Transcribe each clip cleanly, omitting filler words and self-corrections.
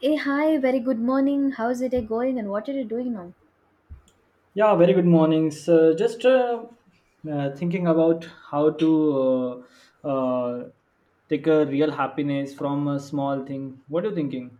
Hey, hi, very good morning. How's the day going and what are you doing now? Yeah, very good mornings. Just thinking about how to uh, uh, take a real happiness from a small thing. What are you thinking?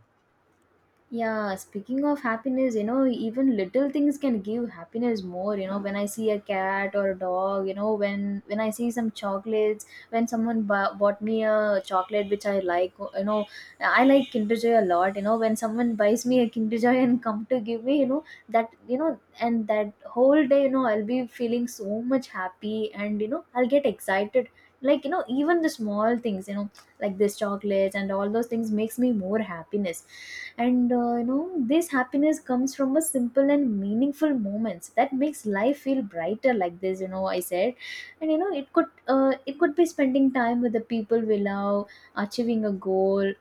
Yeah, speaking of happiness, even little things can give happiness more. You know, when I see a cat or a dog, you know, when I see some chocolates, when someone bought me a chocolate which I like, I like Kinder Joy a lot. You know, when someone buys me a Kinder Joy and come to give me. That and that whole day, I'll be feeling so much happy, and I'll get excited. Like even the small things, like this chocolates and all those things makes me more happiness. And you know, this happiness comes from a simple and meaningful moments that makes life feel brighter, like this, I said. And you know, it could be spending time with the people we love, achieving a goal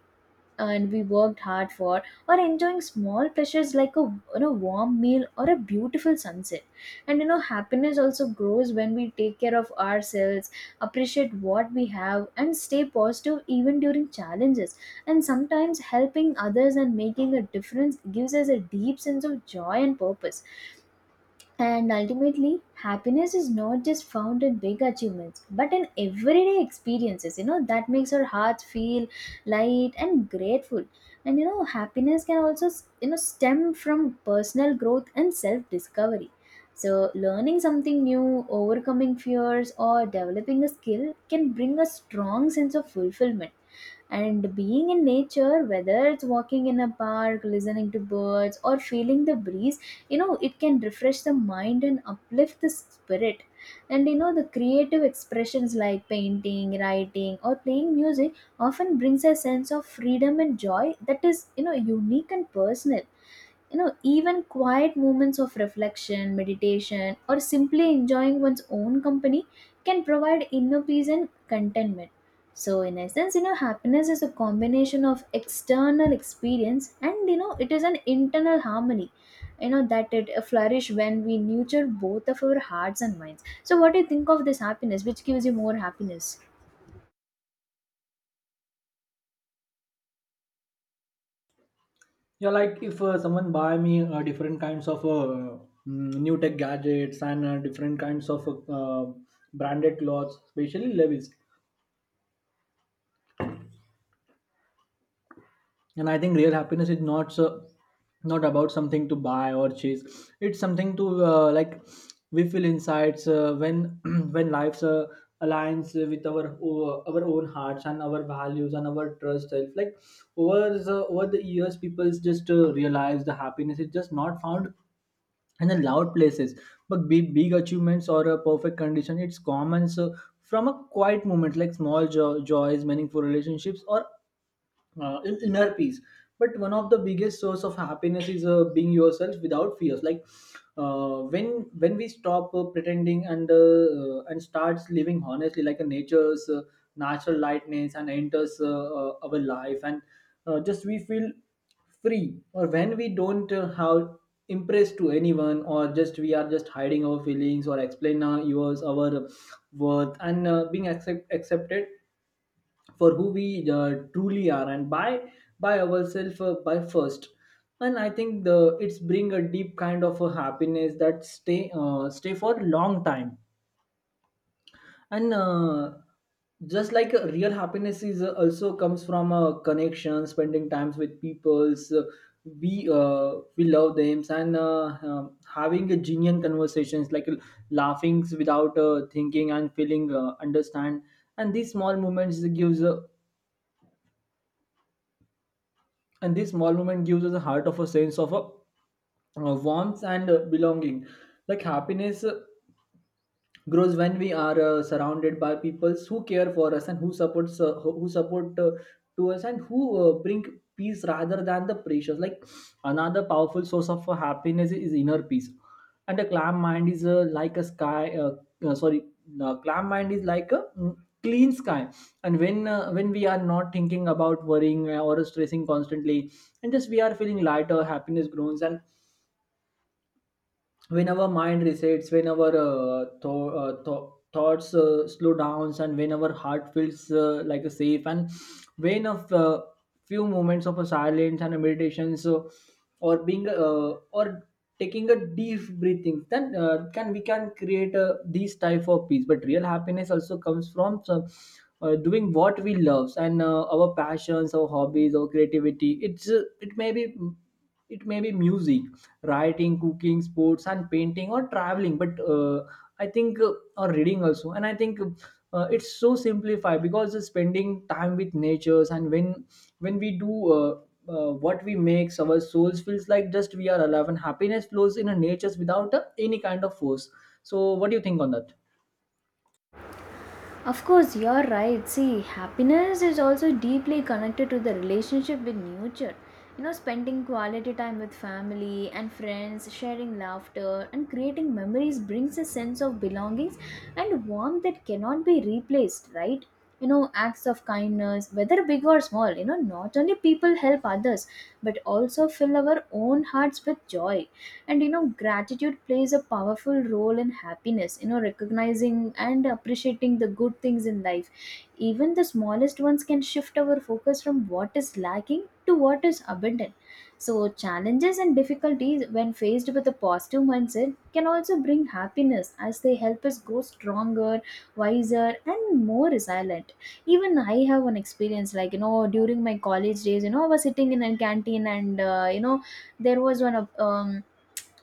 and we worked hard for, or enjoying small pleasures like a, warm meal or a beautiful sunset. And you know, happiness also grows when we take care of ourselves, appreciate what we have, and stay positive even during challenges. And sometimes helping others and making a difference gives us a deep sense of joy and purpose. And ultimately, happiness is not just found in big achievements, but in everyday experiences. That makes our hearts feel light and grateful. And you know, happiness can also, stem from personal growth and self discovery. So, learning something new, overcoming fears, or developing a skill can bring a strong sense of fulfillment. And being in nature, whether it's walking in a park, listening to birds, or feeling the breeze, it can refresh the mind and uplift the spirit. And you know, the creative expressions like painting, writing, or playing music often brings a sense of freedom and joy that is, unique and personal. Even quiet moments of reflection, meditation, or simply enjoying one's own company can provide inner peace and contentment. So in essence, happiness is a combination of external experience, and it is an internal harmony. That it flourish when we nurture both of our hearts and minds. So what do you think of this happiness which gives you more happiness? Yeah, like if someone buy me different kinds of new tech gadgets and different kinds of branded clothes, especially Levi's. And I think real happiness is not so not about something to buy or chase. It's something to like we feel insights when when life's aligns with our our own hearts and our values and our trust self, like over over the years people just realize the happiness is just not found in the loud places, but big, big achievements or a perfect condition. It's common. So from a quiet moment like small joys, meaningful relationships or in inner peace. But one of the biggest source of happiness is being yourself without fears. Like when we stop pretending and starts living honestly, like a nature's natural lightness and enters our life, and just we feel free. Or when we don't have impressed to anyone, or just we are just hiding our feelings or explain our yours our worth, and being accepted for who we truly are, and by ourselves by first. And I think the it's bring a deep kind of a happiness that stay for long time. And just like real happiness is also comes from a connection, spending times with peoples we love them, and having a genuine conversations, like laughing without thinking and feeling understand. And these small moments gives a and this small moment gives us a heart of a sense of a, warmth and belonging. Like happiness grows when we are surrounded by people who care for us and who support to us and who bring peace rather than the pressures. Like another powerful source of happiness is inner peace, and a calm mind is like a sky sorry calm mind is like a clean sky. And when we are not thinking about worrying or stressing constantly, and just we are feeling lighter, happiness grows. And when our mind resets, when our thoughts slow downs, and when our heart feels like a safe, and when few moments of a silence and a meditation. So or being or taking a deep breathing, then can we can create these type of peace. But real happiness also comes from some, doing what we love and our passions, our hobbies, our creativity. It's it may be music, writing, cooking, sports and painting or traveling. But I think or reading also. And I think it's so simplified, because spending time with natures, and when we do what we makes our souls feels like just we are alive, and happiness flows in a natures without any kind of force. So what do you think on that? Of course, you're right. See, happiness is also deeply connected to the relationship with nature. You know, spending quality time with family and friends, sharing laughter, and creating memories brings a sense of belongings and warmth that cannot be replaced, right? You know, acts of kindness, whether big or small, not only people help others, but also fill our own hearts with joy. And you know, gratitude plays a powerful role in happiness. You know, recognizing and appreciating the good things in life, even the smallest ones, can shift our focus from what is lacking to what is abundant. So challenges and difficulties, when faced with a positive mindset, can also bring happiness as they help us grow stronger, wiser, and more resilient. Even I have an experience, like you know, during my college days, I was sitting in a canteen, and you know, there was one of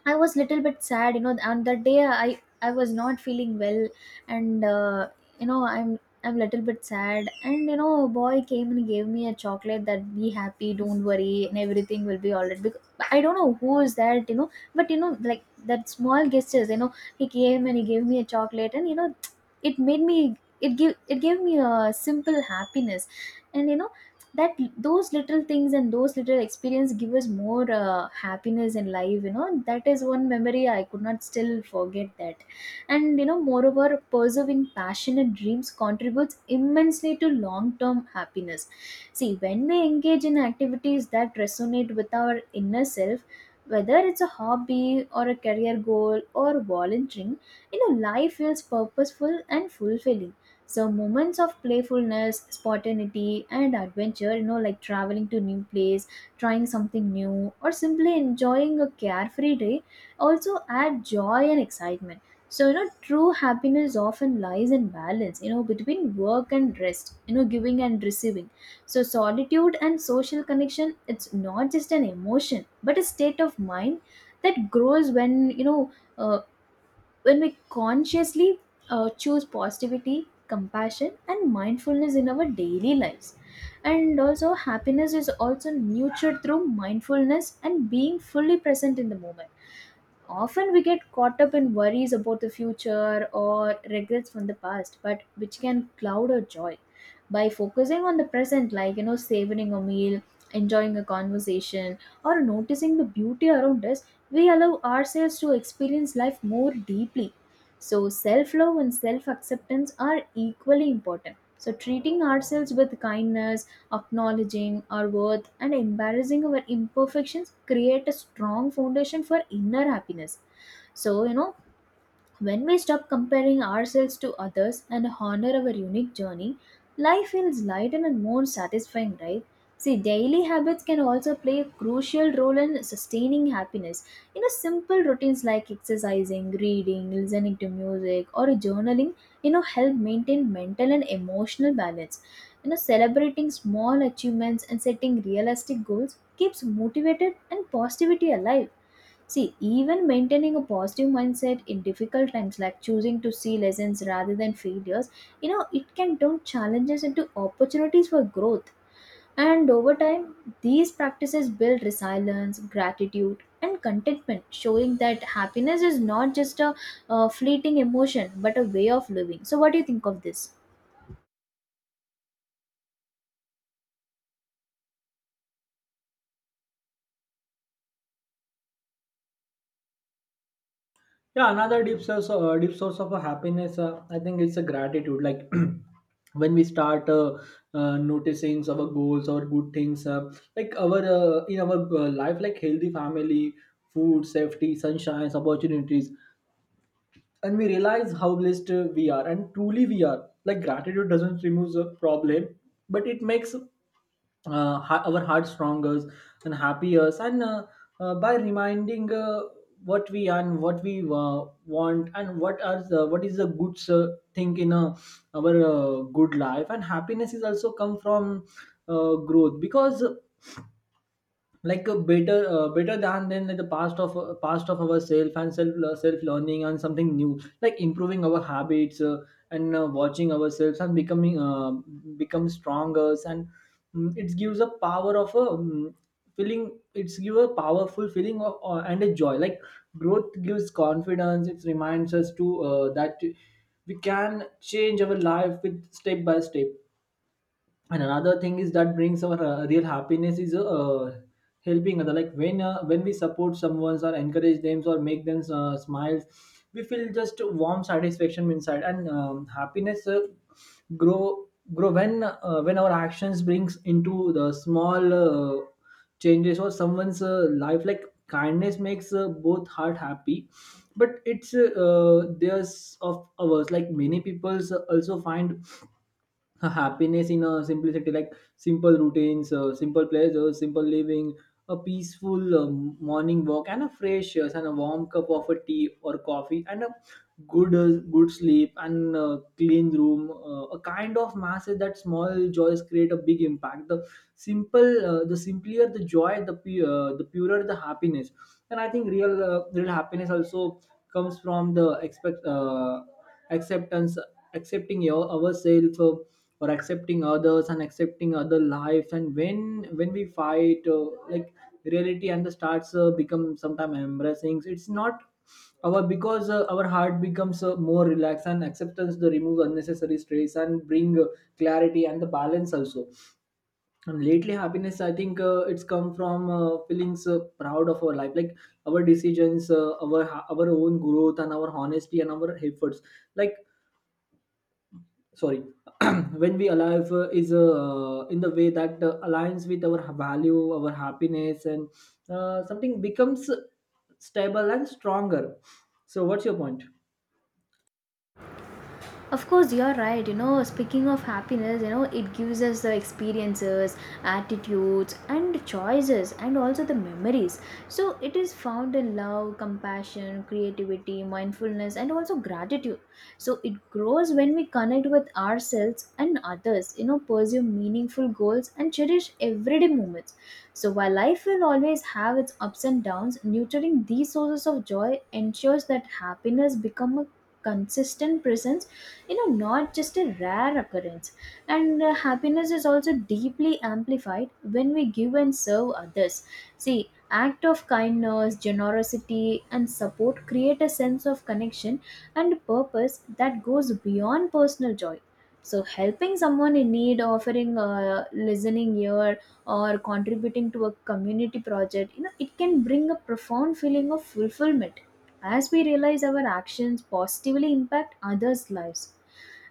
I was little bit sad, you know, and that day I was not feeling well, and you know, I'm little bit sad, and you know, a boy came and gave me a chocolate, that be happy, don't worry, and everything will be alright. Because I don't know who is that, you know, but you know, like that small gestures, you know, he came and he gave me a chocolate, and it made me it give it gave me a simple happiness, and that those little things and those little experience give us more happiness in life. You know, that is one memory I could not still forget that. And you know, moreover, pursuing passion and dreams contributes immensely to long term happiness. See, when we engage in activities that resonate with our inner self, whether it's a hobby or a career goal or volunteering, life feels purposeful and fulfilling. So moments of playfulness, spontaneity, and adventure, like traveling to new place, trying something new, or simply enjoying a carefree day, also add joy and excitement. So you know, true happiness often lies in balance, between work and rest, giving and receiving, so solitude and social connection. It's not just an emotion but a state of mind that grows when, when we consciously choose positivity, compassion, and mindfulness in our daily lives. And also, happiness is also nurtured through mindfulness and being fully present in the moment. Often we get caught up in worries about the future or regrets from the past, but which can cloud our joy. By focusing on the present, like savoring a meal, enjoying a conversation, or noticing the beauty around us, we allow ourselves to experience life more deeply. So, self love and self acceptance are equally important. So, treating ourselves with kindness, acknowledging our worth, and embarrassing our imperfections create a strong foundation for inner happiness. So you know, when we stop comparing ourselves to others and honor our unique journey, life feels lighter and more satisfying, right? See, daily habits can also play a crucial role in sustaining happiness. You know, simple routines like exercising, reading, listening to music, or journaling, help maintain mental and emotional balance. You know, celebrating small achievements and setting realistic goals keeps motivated and positivity alive. See, even maintaining a positive mindset in difficult times, like choosing to see lessons rather than failures, it can turn challenges into opportunities for growth. And over time, these practices build resilience, gratitude, and contentment, showing that happiness is not just a fleeting emotion but a way of living. So, what do you think of this? Yeah, another deep source of a happiness. I think it's a gratitude. Like when we start noticing our goals or good things, like our in our life, like healthy family, food, safety, sunshine, opportunities, and we realize how blessed we are, and truly we are. Like gratitude doesn't remove the problem, but it makes our heart stronger and happier, and by reminding what we are and what we want and what are the, what is the good thing in our good life. And happiness is also come from growth, because like a better than like the past of ourself, and self self learning and something new, like improving our habits, and watching ourselves and becoming become stronger. And mm, it gives a power of a feeling it's give a powerful feeling of, and a joy. Like growth gives confidence. It reminds us to that we can change our life with step by step. And another thing is that brings our real happiness is helping other. Like when we support someone or encourage them or make them smile, we feel just warm satisfaction inside. And happiness grow grow when our actions brings into the small changes or someone's life. Like kindness makes both heart happy. But it's there's of ours. Like many people's also find happiness in a simplicity, like simple routines, simple pleasures, simple living, a peaceful morning walk, and a fresh and a warm cup of a tea or coffee, and a good sleep, and clean room, a kind of massive. That small joys create a big impact. The simpler the joy, the purer the happiness. And I think real happiness also comes from the expect acceptance. Accepting your, ourselves, or accepting others and accepting other lives. And when we fight like reality and the starts become, sometimes embracing it's not our, because our heart becomes more relaxed. And acceptance the remove unnecessary stress, and bring clarity and the balance also. And lately happiness, I think it's come from feelings proud of our life, like our decisions, our own growth and our honesty and our efforts. Like sorry, when we alive is in the way that aligns with our value, our happiness, and something becomes stable and stronger. So what's your point? Of course, you're right. You know, speaking of happiness, it gives us the experiences, attitudes, and choices, and also the memories. So, it is found in love, compassion, creativity, mindfulness, and also gratitude. So, it grows when we connect with ourselves and others, pursue meaningful goals, and cherish everyday moments. So, while life will always have its ups and downs, nurturing these sources of joy ensures that happiness becomes a consistent presence, not just a rare occurrence. And happiness is also deeply amplified when we give and serve others. See, act of kindness, generosity, and support create a sense of connection and purpose that goes beyond personal joy. So helping someone in need, offering a listening ear, or contributing to a community project, it can bring a profound feeling of fulfillment as we realize our actions positively impact others' lives.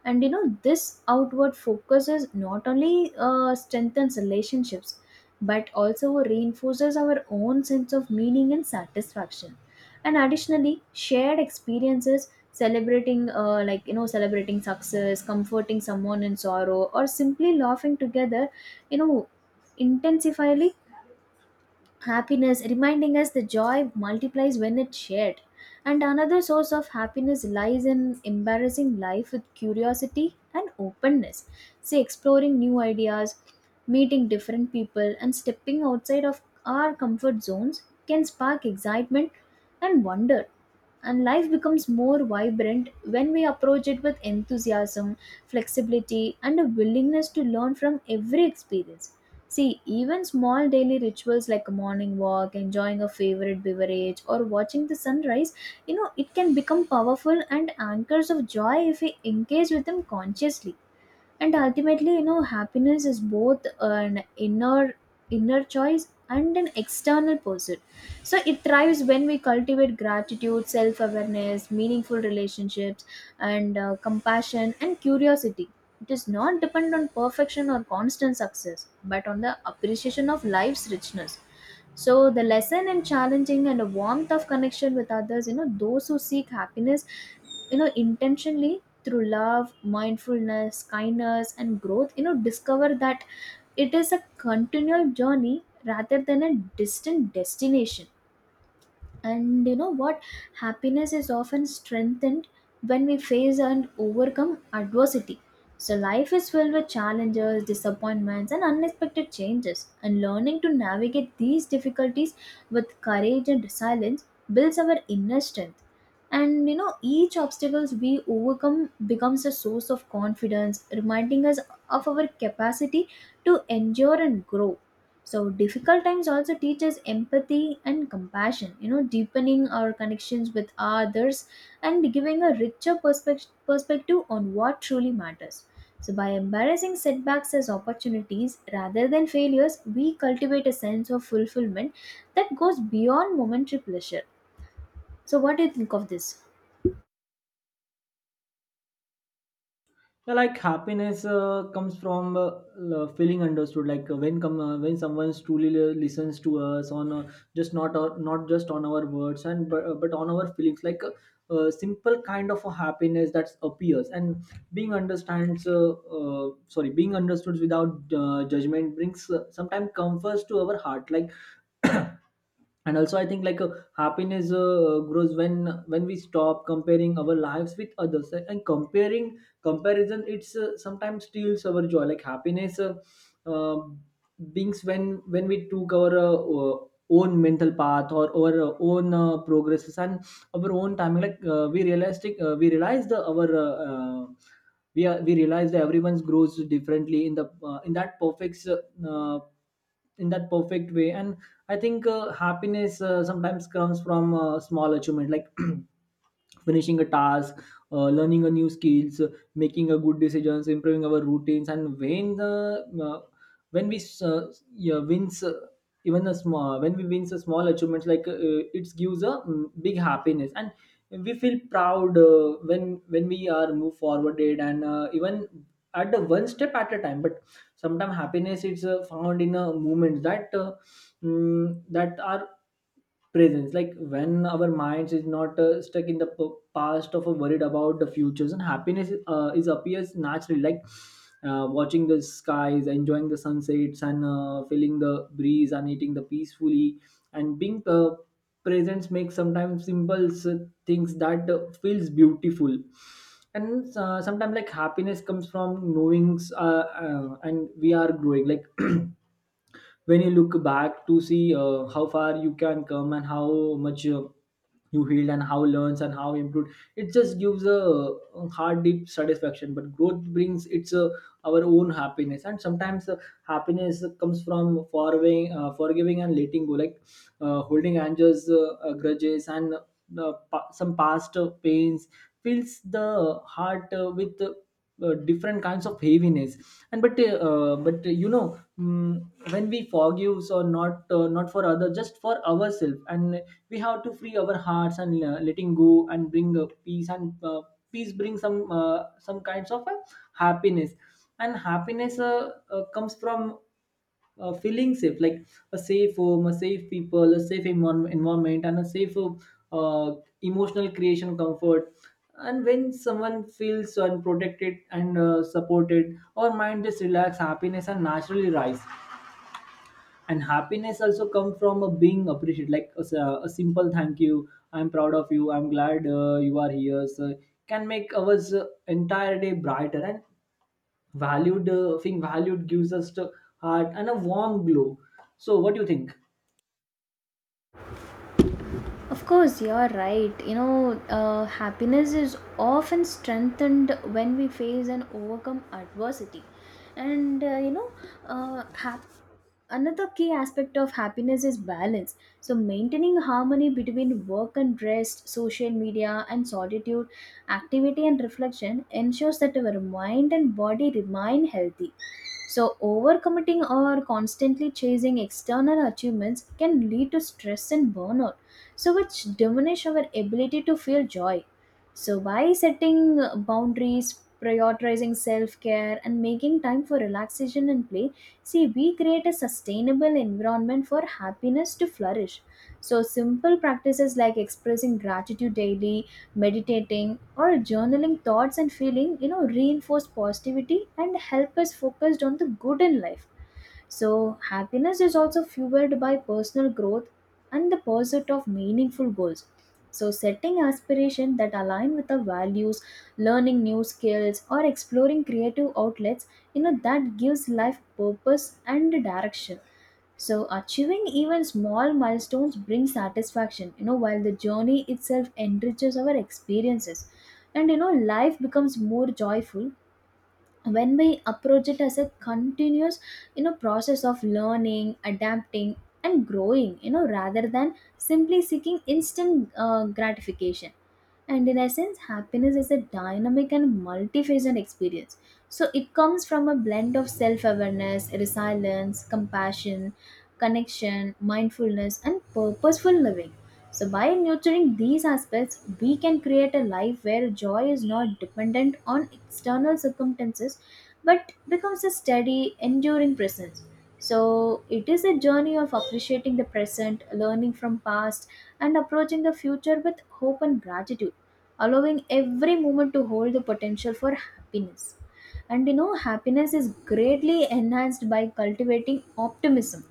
And you know, this outward focus is not only strengthens relationships but also reinforces our own sense of meaning and satisfaction. And additionally, shared experiences celebrating like celebrating success, comforting someone in sorrow, or simply laughing together, you know intensifyly happiness, reminding us the joy multiplies when it's shared. And another source of happiness lies in embarrassing life with curiosity and openness. See, exploring new ideas, meeting different people, and stepping outside of our comfort zones can spark excitement and wonder. And life becomes more vibrant when we approach it with enthusiasm, flexibility, and a willingness to learn from every experience. See, even small daily rituals like a morning walk, enjoying a favorite beverage, or watching the sunrise, it can become powerful and anchors of joy if we engage with them consciously. And ultimately, happiness is both an inner choice and an external pursuit. So it thrives when we cultivate gratitude, self awareness, meaningful relationships, and compassion and curiosity. It does not depend on perfection or constant success but on the appreciation of life's richness. So the lesson in challenging and a warmth of connection with others, those who seek happiness, intentionally, through love, mindfulness, kindness, and growth, discover that it is a continual journey rather than a distant destination. And you know what? Happiness is often strengthened when we face and overcome adversity. So, life is filled with challenges, disappointments, and unexpected changes. And learning to navigate these difficulties with courage and resilience builds our inner strength. And you know, each obstacles we overcome becomes a source of confidence, reminding us of our capacity to endure and grow. So difficult times also teach us empathy and compassion, deepening our connections with others and giving a richer perspective on what truly matters. So by embracing setbacks as opportunities rather than failures, we cultivate a sense of fulfillment that goes beyond momentary pleasure. So what do you think of this? Yeah, like happiness comes from feeling understood. Like when someone truly listens to us on just not not just on our words, but on our feelings. Like a simple kind of a happiness that appears and being understands. Uh, being understood without judgment brings sometimes comforts to our heart. Like and also I think like happiness grows when we stop comparing our lives with others, and comparing comparison, it's sometimes steals our joy. Like happiness uh, brings when we took our own mental path or our own progresses and our own timing. Like we realize the our we are we realize that everyone's grows differently in the uh, in that perfect way. And I think happiness sometimes comes from small achievement, like finishing a task, learning a new skills, making a good decisions, improving our routines. And when we yeah, wins a small achievements. Like it gives a big happiness, and we feel proud when we are move forwarded, and even at the one step at a time. But sometimes happiness is found in a moment that that are presence. Like when our minds is not stuck in the past of or worried about the futures, and happiness is appears naturally, like watching the skies, enjoying the sunsets, and feeling the breeze, and eating the peacefully. And being presence makes sometimes simple things that feels beautiful. And sometimes, like happiness comes from knowings and we are growing, like when you look back to see how far you can come, and how much you healed and how learns and how improved. It just gives a, hard deep satisfaction. But growth brings its our own happiness. And sometimes happiness comes from forgiving forgiving and letting go. Like holding angers, grudges, and some past pains fills the heart with different kinds of heaviness. And but you know, when we forgive, or not not for other, just for ourselves, and we have to free our hearts, and letting go, and bring peace, and peace brings some kinds of happiness. And happiness comes from feeling safe, like a safe home, a safe people, a safe environment, and a safe uh, emotional creation comfort. And when someone feels unprotected and supported, our mind just relax, happiness and naturally rise. And happiness also comes from A being appreciated, like a simple thank you, I'm proud of you, I'm glad you are here, so can make our entire day brighter and valued thing valued gives us the heart and a warm glow. So what do you think? Of course, you're right. You know, happiness is often strengthened when we face and overcome adversity. And you know, happiness another key aspect of happiness is balance, so maintaining harmony between work and rest, social media and solitude, activity and reflection ensures that our mind and body remain healthy. So overcommitting or constantly chasing external achievements can lead to stress and burnout, so which diminish our ability to feel joy. So by setting boundaries, prioritizing self-care, and making time for relaxation and play, see, we create a sustainable environment for happiness to flourish. So, simple practices like expressing gratitude daily, meditating, or journaling thoughts and feeling, you know, reinforce positivity and help us focused on the good in life. So, happiness is also fueled by personal growth and the pursuit of meaningful goals. So, setting aspirations that align with our values, learning new skills, or exploring creative outlets, you know, that gives life purpose and direction. So achieving even small milestones brings satisfaction, you know, while the journey itself enriches our experiences. And you know, life becomes more joyful when we approach it as a continuous, you know, process of learning, adapting, and growing, you know, rather than simply seeking instant gratification. And in essence, happiness is a dynamic and multifaceted experience. So it comes from a blend of self-awareness, resilience, compassion, connection, mindfulness, and purposeful living. So, by nurturing these aspects, we can create a life where joy is not dependent on external circumstances but becomes a steady, enduring presence. So, it is a journey of appreciating the present, learning from past, and approaching the future with hope and gratitude, allowing every moment to hold the potential for happiness. And you know, happiness is greatly enhanced by cultivating optimism,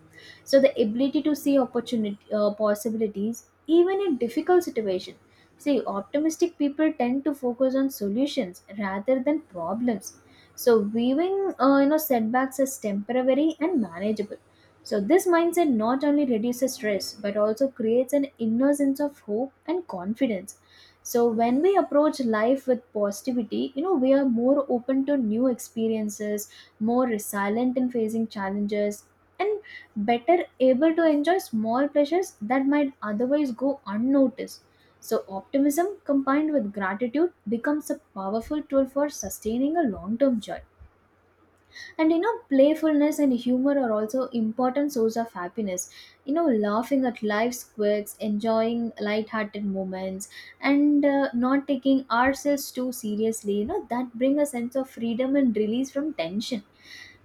so the ability to see opportunity, possibilities even in difficult situations. See, optimistic people tend to focus on solutions rather than problems. So, viewing, you know, setbacks as temporary and manageable. So, this mindset not only reduces stress but also creates an inner sense of hope and confidence. So, when we approach life with positivity, you know, we are more open to new experiences, more resilient in facing challenges, and better able to enjoy small pleasures that might otherwise go unnoticed. So, optimism combined with gratitude becomes a powerful tool for sustaining a long term joy. And you know, playfulness and humor are also important source of happiness. You know, laughing at life's quirks, enjoying light-hearted moments, and not taking ourselves too seriously, you know, that bring a sense of freedom and release from tension.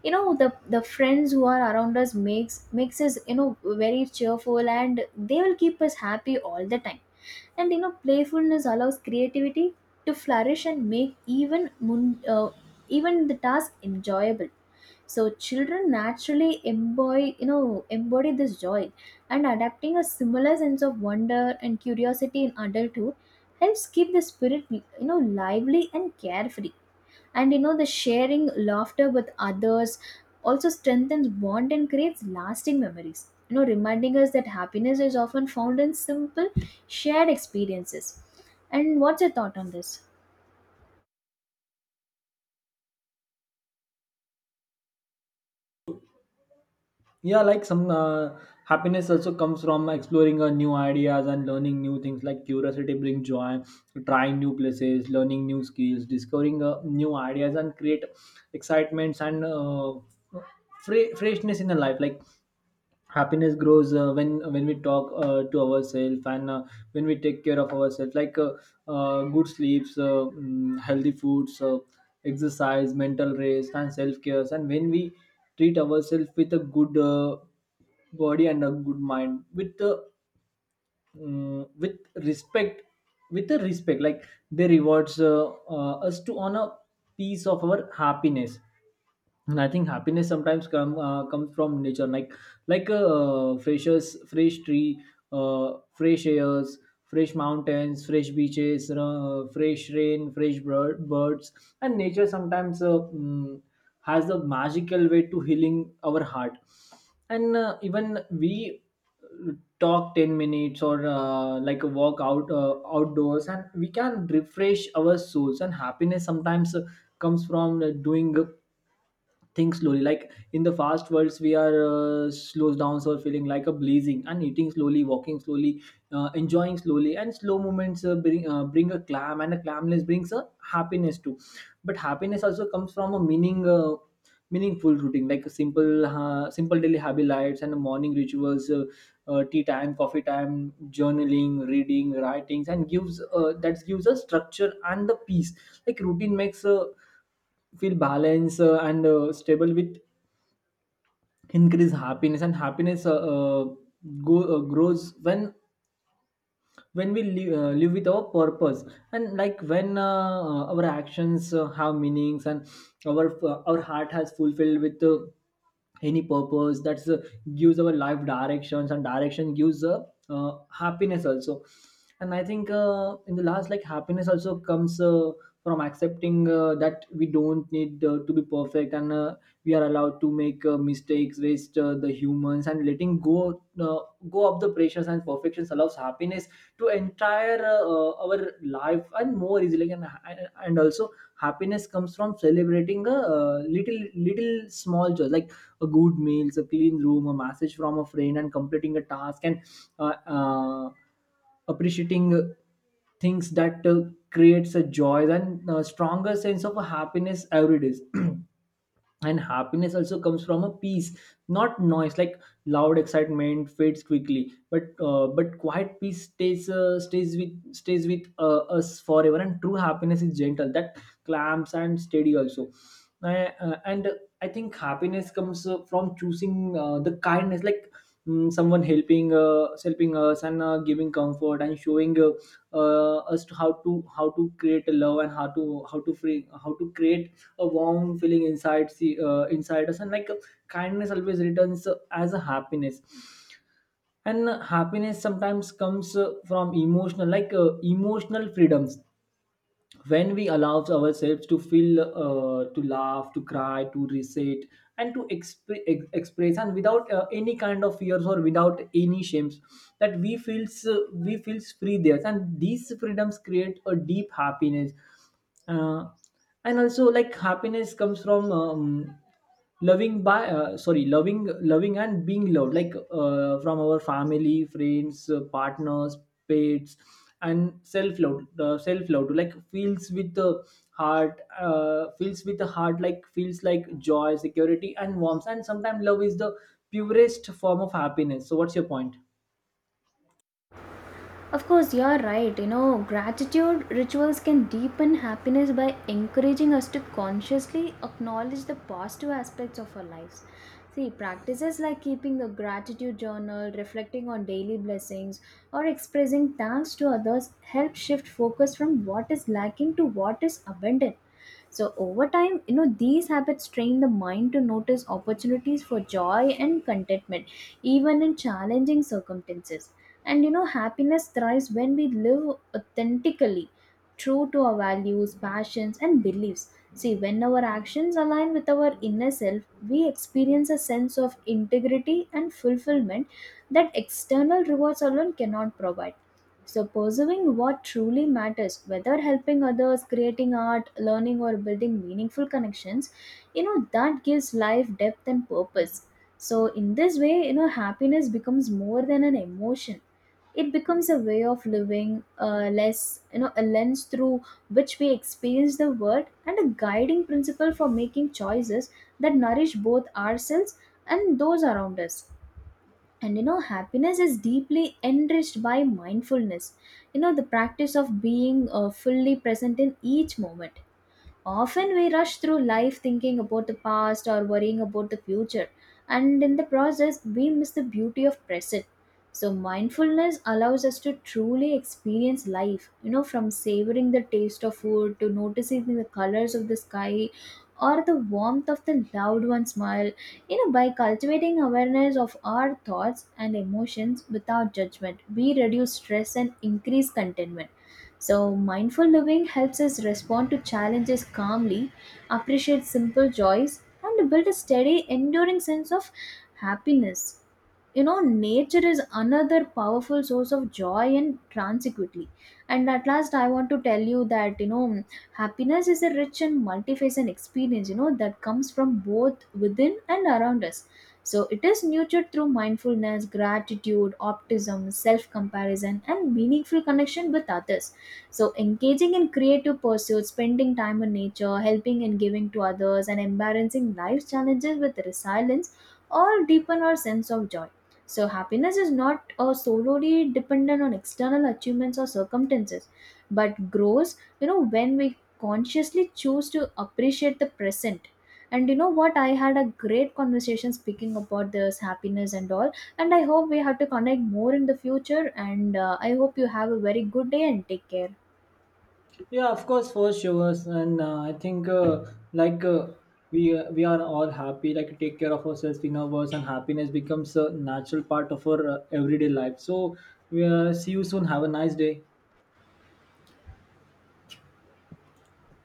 You know, the friends who are around us makes us, you know, very cheerful, and they will keep us happy all the time. And you know, playfulness allows creativity to flourish and make even even the task enjoyable. So children naturally embody, you know, embody this joy, and adapting a similar sense of wonder and curiosity in adulthood helps keep the spirit, you know, lively and carefree. And you know, the sharing laughter with others also strengthens bond and creates lasting memories. You know, reminding us that happiness is often found in simple, shared experiences. And what's your thought on this? Yeah, like some happiness also comes from exploring new ideas and learning new things. Like curiosity brings joy, trying new places, learning new skills, discovering new ideas and create excitements and freshness in the life. Like happiness grows when when we talk to ourselves and when we take care of ourselves, like good sleeps, healthy foods, exercise, mental rest, and self cares. And when we treat ourselves with a good body and a good mind with with respect, with a respect, like they rewards us to on a piece of our happiness. And I think happiness sometimes comes from nature, like like a fresh tree, fresh airs, fresh mountains, fresh beaches, fresh rain, fresh birds. And nature sometimes has a magical way to healing our heart. And even we talk 10 minutes or like a walk out outdoors and we can refresh our souls. And happiness sometimes comes from doing things slowly, like in the fast worlds we are slows down, so feeling like a blazing and eating slowly, walking slowly, enjoying slowly, and slow movements bring a clam, and a clamness brings a happiness too. But happiness also comes from a meaningful routine, like a simple daily habits and morning rituals, tea time, coffee time, journaling, reading, writings, and gives that gives a structure and the peace. Like routine makes feel balanced and stable with increased happiness. And happiness grows when when we live with our purpose. And like when our actions have meanings, and our our heart has fulfilled with any purpose. That's gives our life directions, and direction gives happiness also. And I think in the last, like happiness also comes from accepting that we don't need to be perfect. And we are allowed to make mistakes, waste the humans, and letting go uh, go of the pressures and perfections, allows happiness to entire our life and more easily. And also happiness comes from celebrating a, little small joy, like a good meals, a clean room, a message from a friend, and completing a task. And uh, uh, appreciating things that creates a joy and a stronger sense of happiness every day. And happiness also comes from a peace, not noise. Like loud excitement fades quickly, but quiet peace stays, stays with us forever. And true happiness is gentle, that clamps and steady also. And I think happiness comes from choosing the kindness, like someone helping us and giving comfort and showing us to how to, how to create a love, and how to, how to free, how to create a warm feeling inside, see inside us. And like kindness always returns as a happiness. And happiness sometimes comes from emotional, like emotional freedoms, when we allow ourselves to feel, to laugh, to cry, to reset, and to express, and without any kind of fears or without any shames, that we feels free there. And these freedoms create a deep happiness. Uh, and also, like happiness comes from loving by sorry loving, and being loved, like from our family, friends, partners, pets, and self love. Self love, like feels with the heart, like feels like joy, security, and warmth. And sometimes love is the purest form of happiness. So what's your point? Of course, you're right. You know, gratitude rituals can deepen happiness by encouraging us to consciously acknowledge the positive aspects of our lives. See, practices like keeping a gratitude journal, reflecting on daily blessings, or expressing thanks to others help shift focus from what is lacking to what is abundant. So over time, you know, these habits train the mind to notice opportunities for joy and contentment, even in challenging circumstances. And you know, happiness thrives when we live authentically, true to our values, passions, and beliefs. See, when our actions align with our inner self, we experience a sense of integrity and fulfillment that external rewards alone cannot provide. So, pursuing what truly matters, whether helping others, creating art, learning, or building meaningful connections, you know, that gives life depth and purpose. So, in this way, you know, happiness becomes more than an emotion. It becomes a way of living, you know, a lens through which we experience the world and a guiding principle for making choices that nourish both ourselves and those around us. And you know, happiness is deeply enriched by mindfulness, you know, the practice of being fully present in each moment. Often we rush through life thinking about the past or worrying about the future, and in the process, we miss the beauty of present. So, mindfulness allows us to truly experience life, you know, from savoring the taste of food to noticing the colors of the sky or the warmth of the loved one's smile. You know, by cultivating awareness of our thoughts and emotions without judgment, we reduce stress and increase contentment. So, mindful living helps us respond to challenges calmly, appreciate simple joys, and build a steady, enduring sense of happiness. You know, nature is another powerful source of joy and tranquility. And at last, I want to tell you that, you know, happiness is a rich and multifaceted experience. You know that comes from both within and around us. So it is nurtured through mindfulness, gratitude, optimism, self comparison, and meaningful connection with others. So, engaging in creative pursuits, spending time in nature, helping and giving to others, and embarrassing life's challenges with resilience all deepen our sense of joy. So, happiness is not solely dependent on external achievements or circumstances, but grows, you know, when we consciously choose to appreciate the present. And you know what? I had a great conversation speaking about this happiness and all. And I hope we have to connect more in the future. And I hope you have a very good day and take care. Yeah, of course, for sure. And I think like uh, we are all happy. Like take care of ourselves, we know, words, and happiness becomes a natural part of our everyday life. So we see you soon. Have a nice day.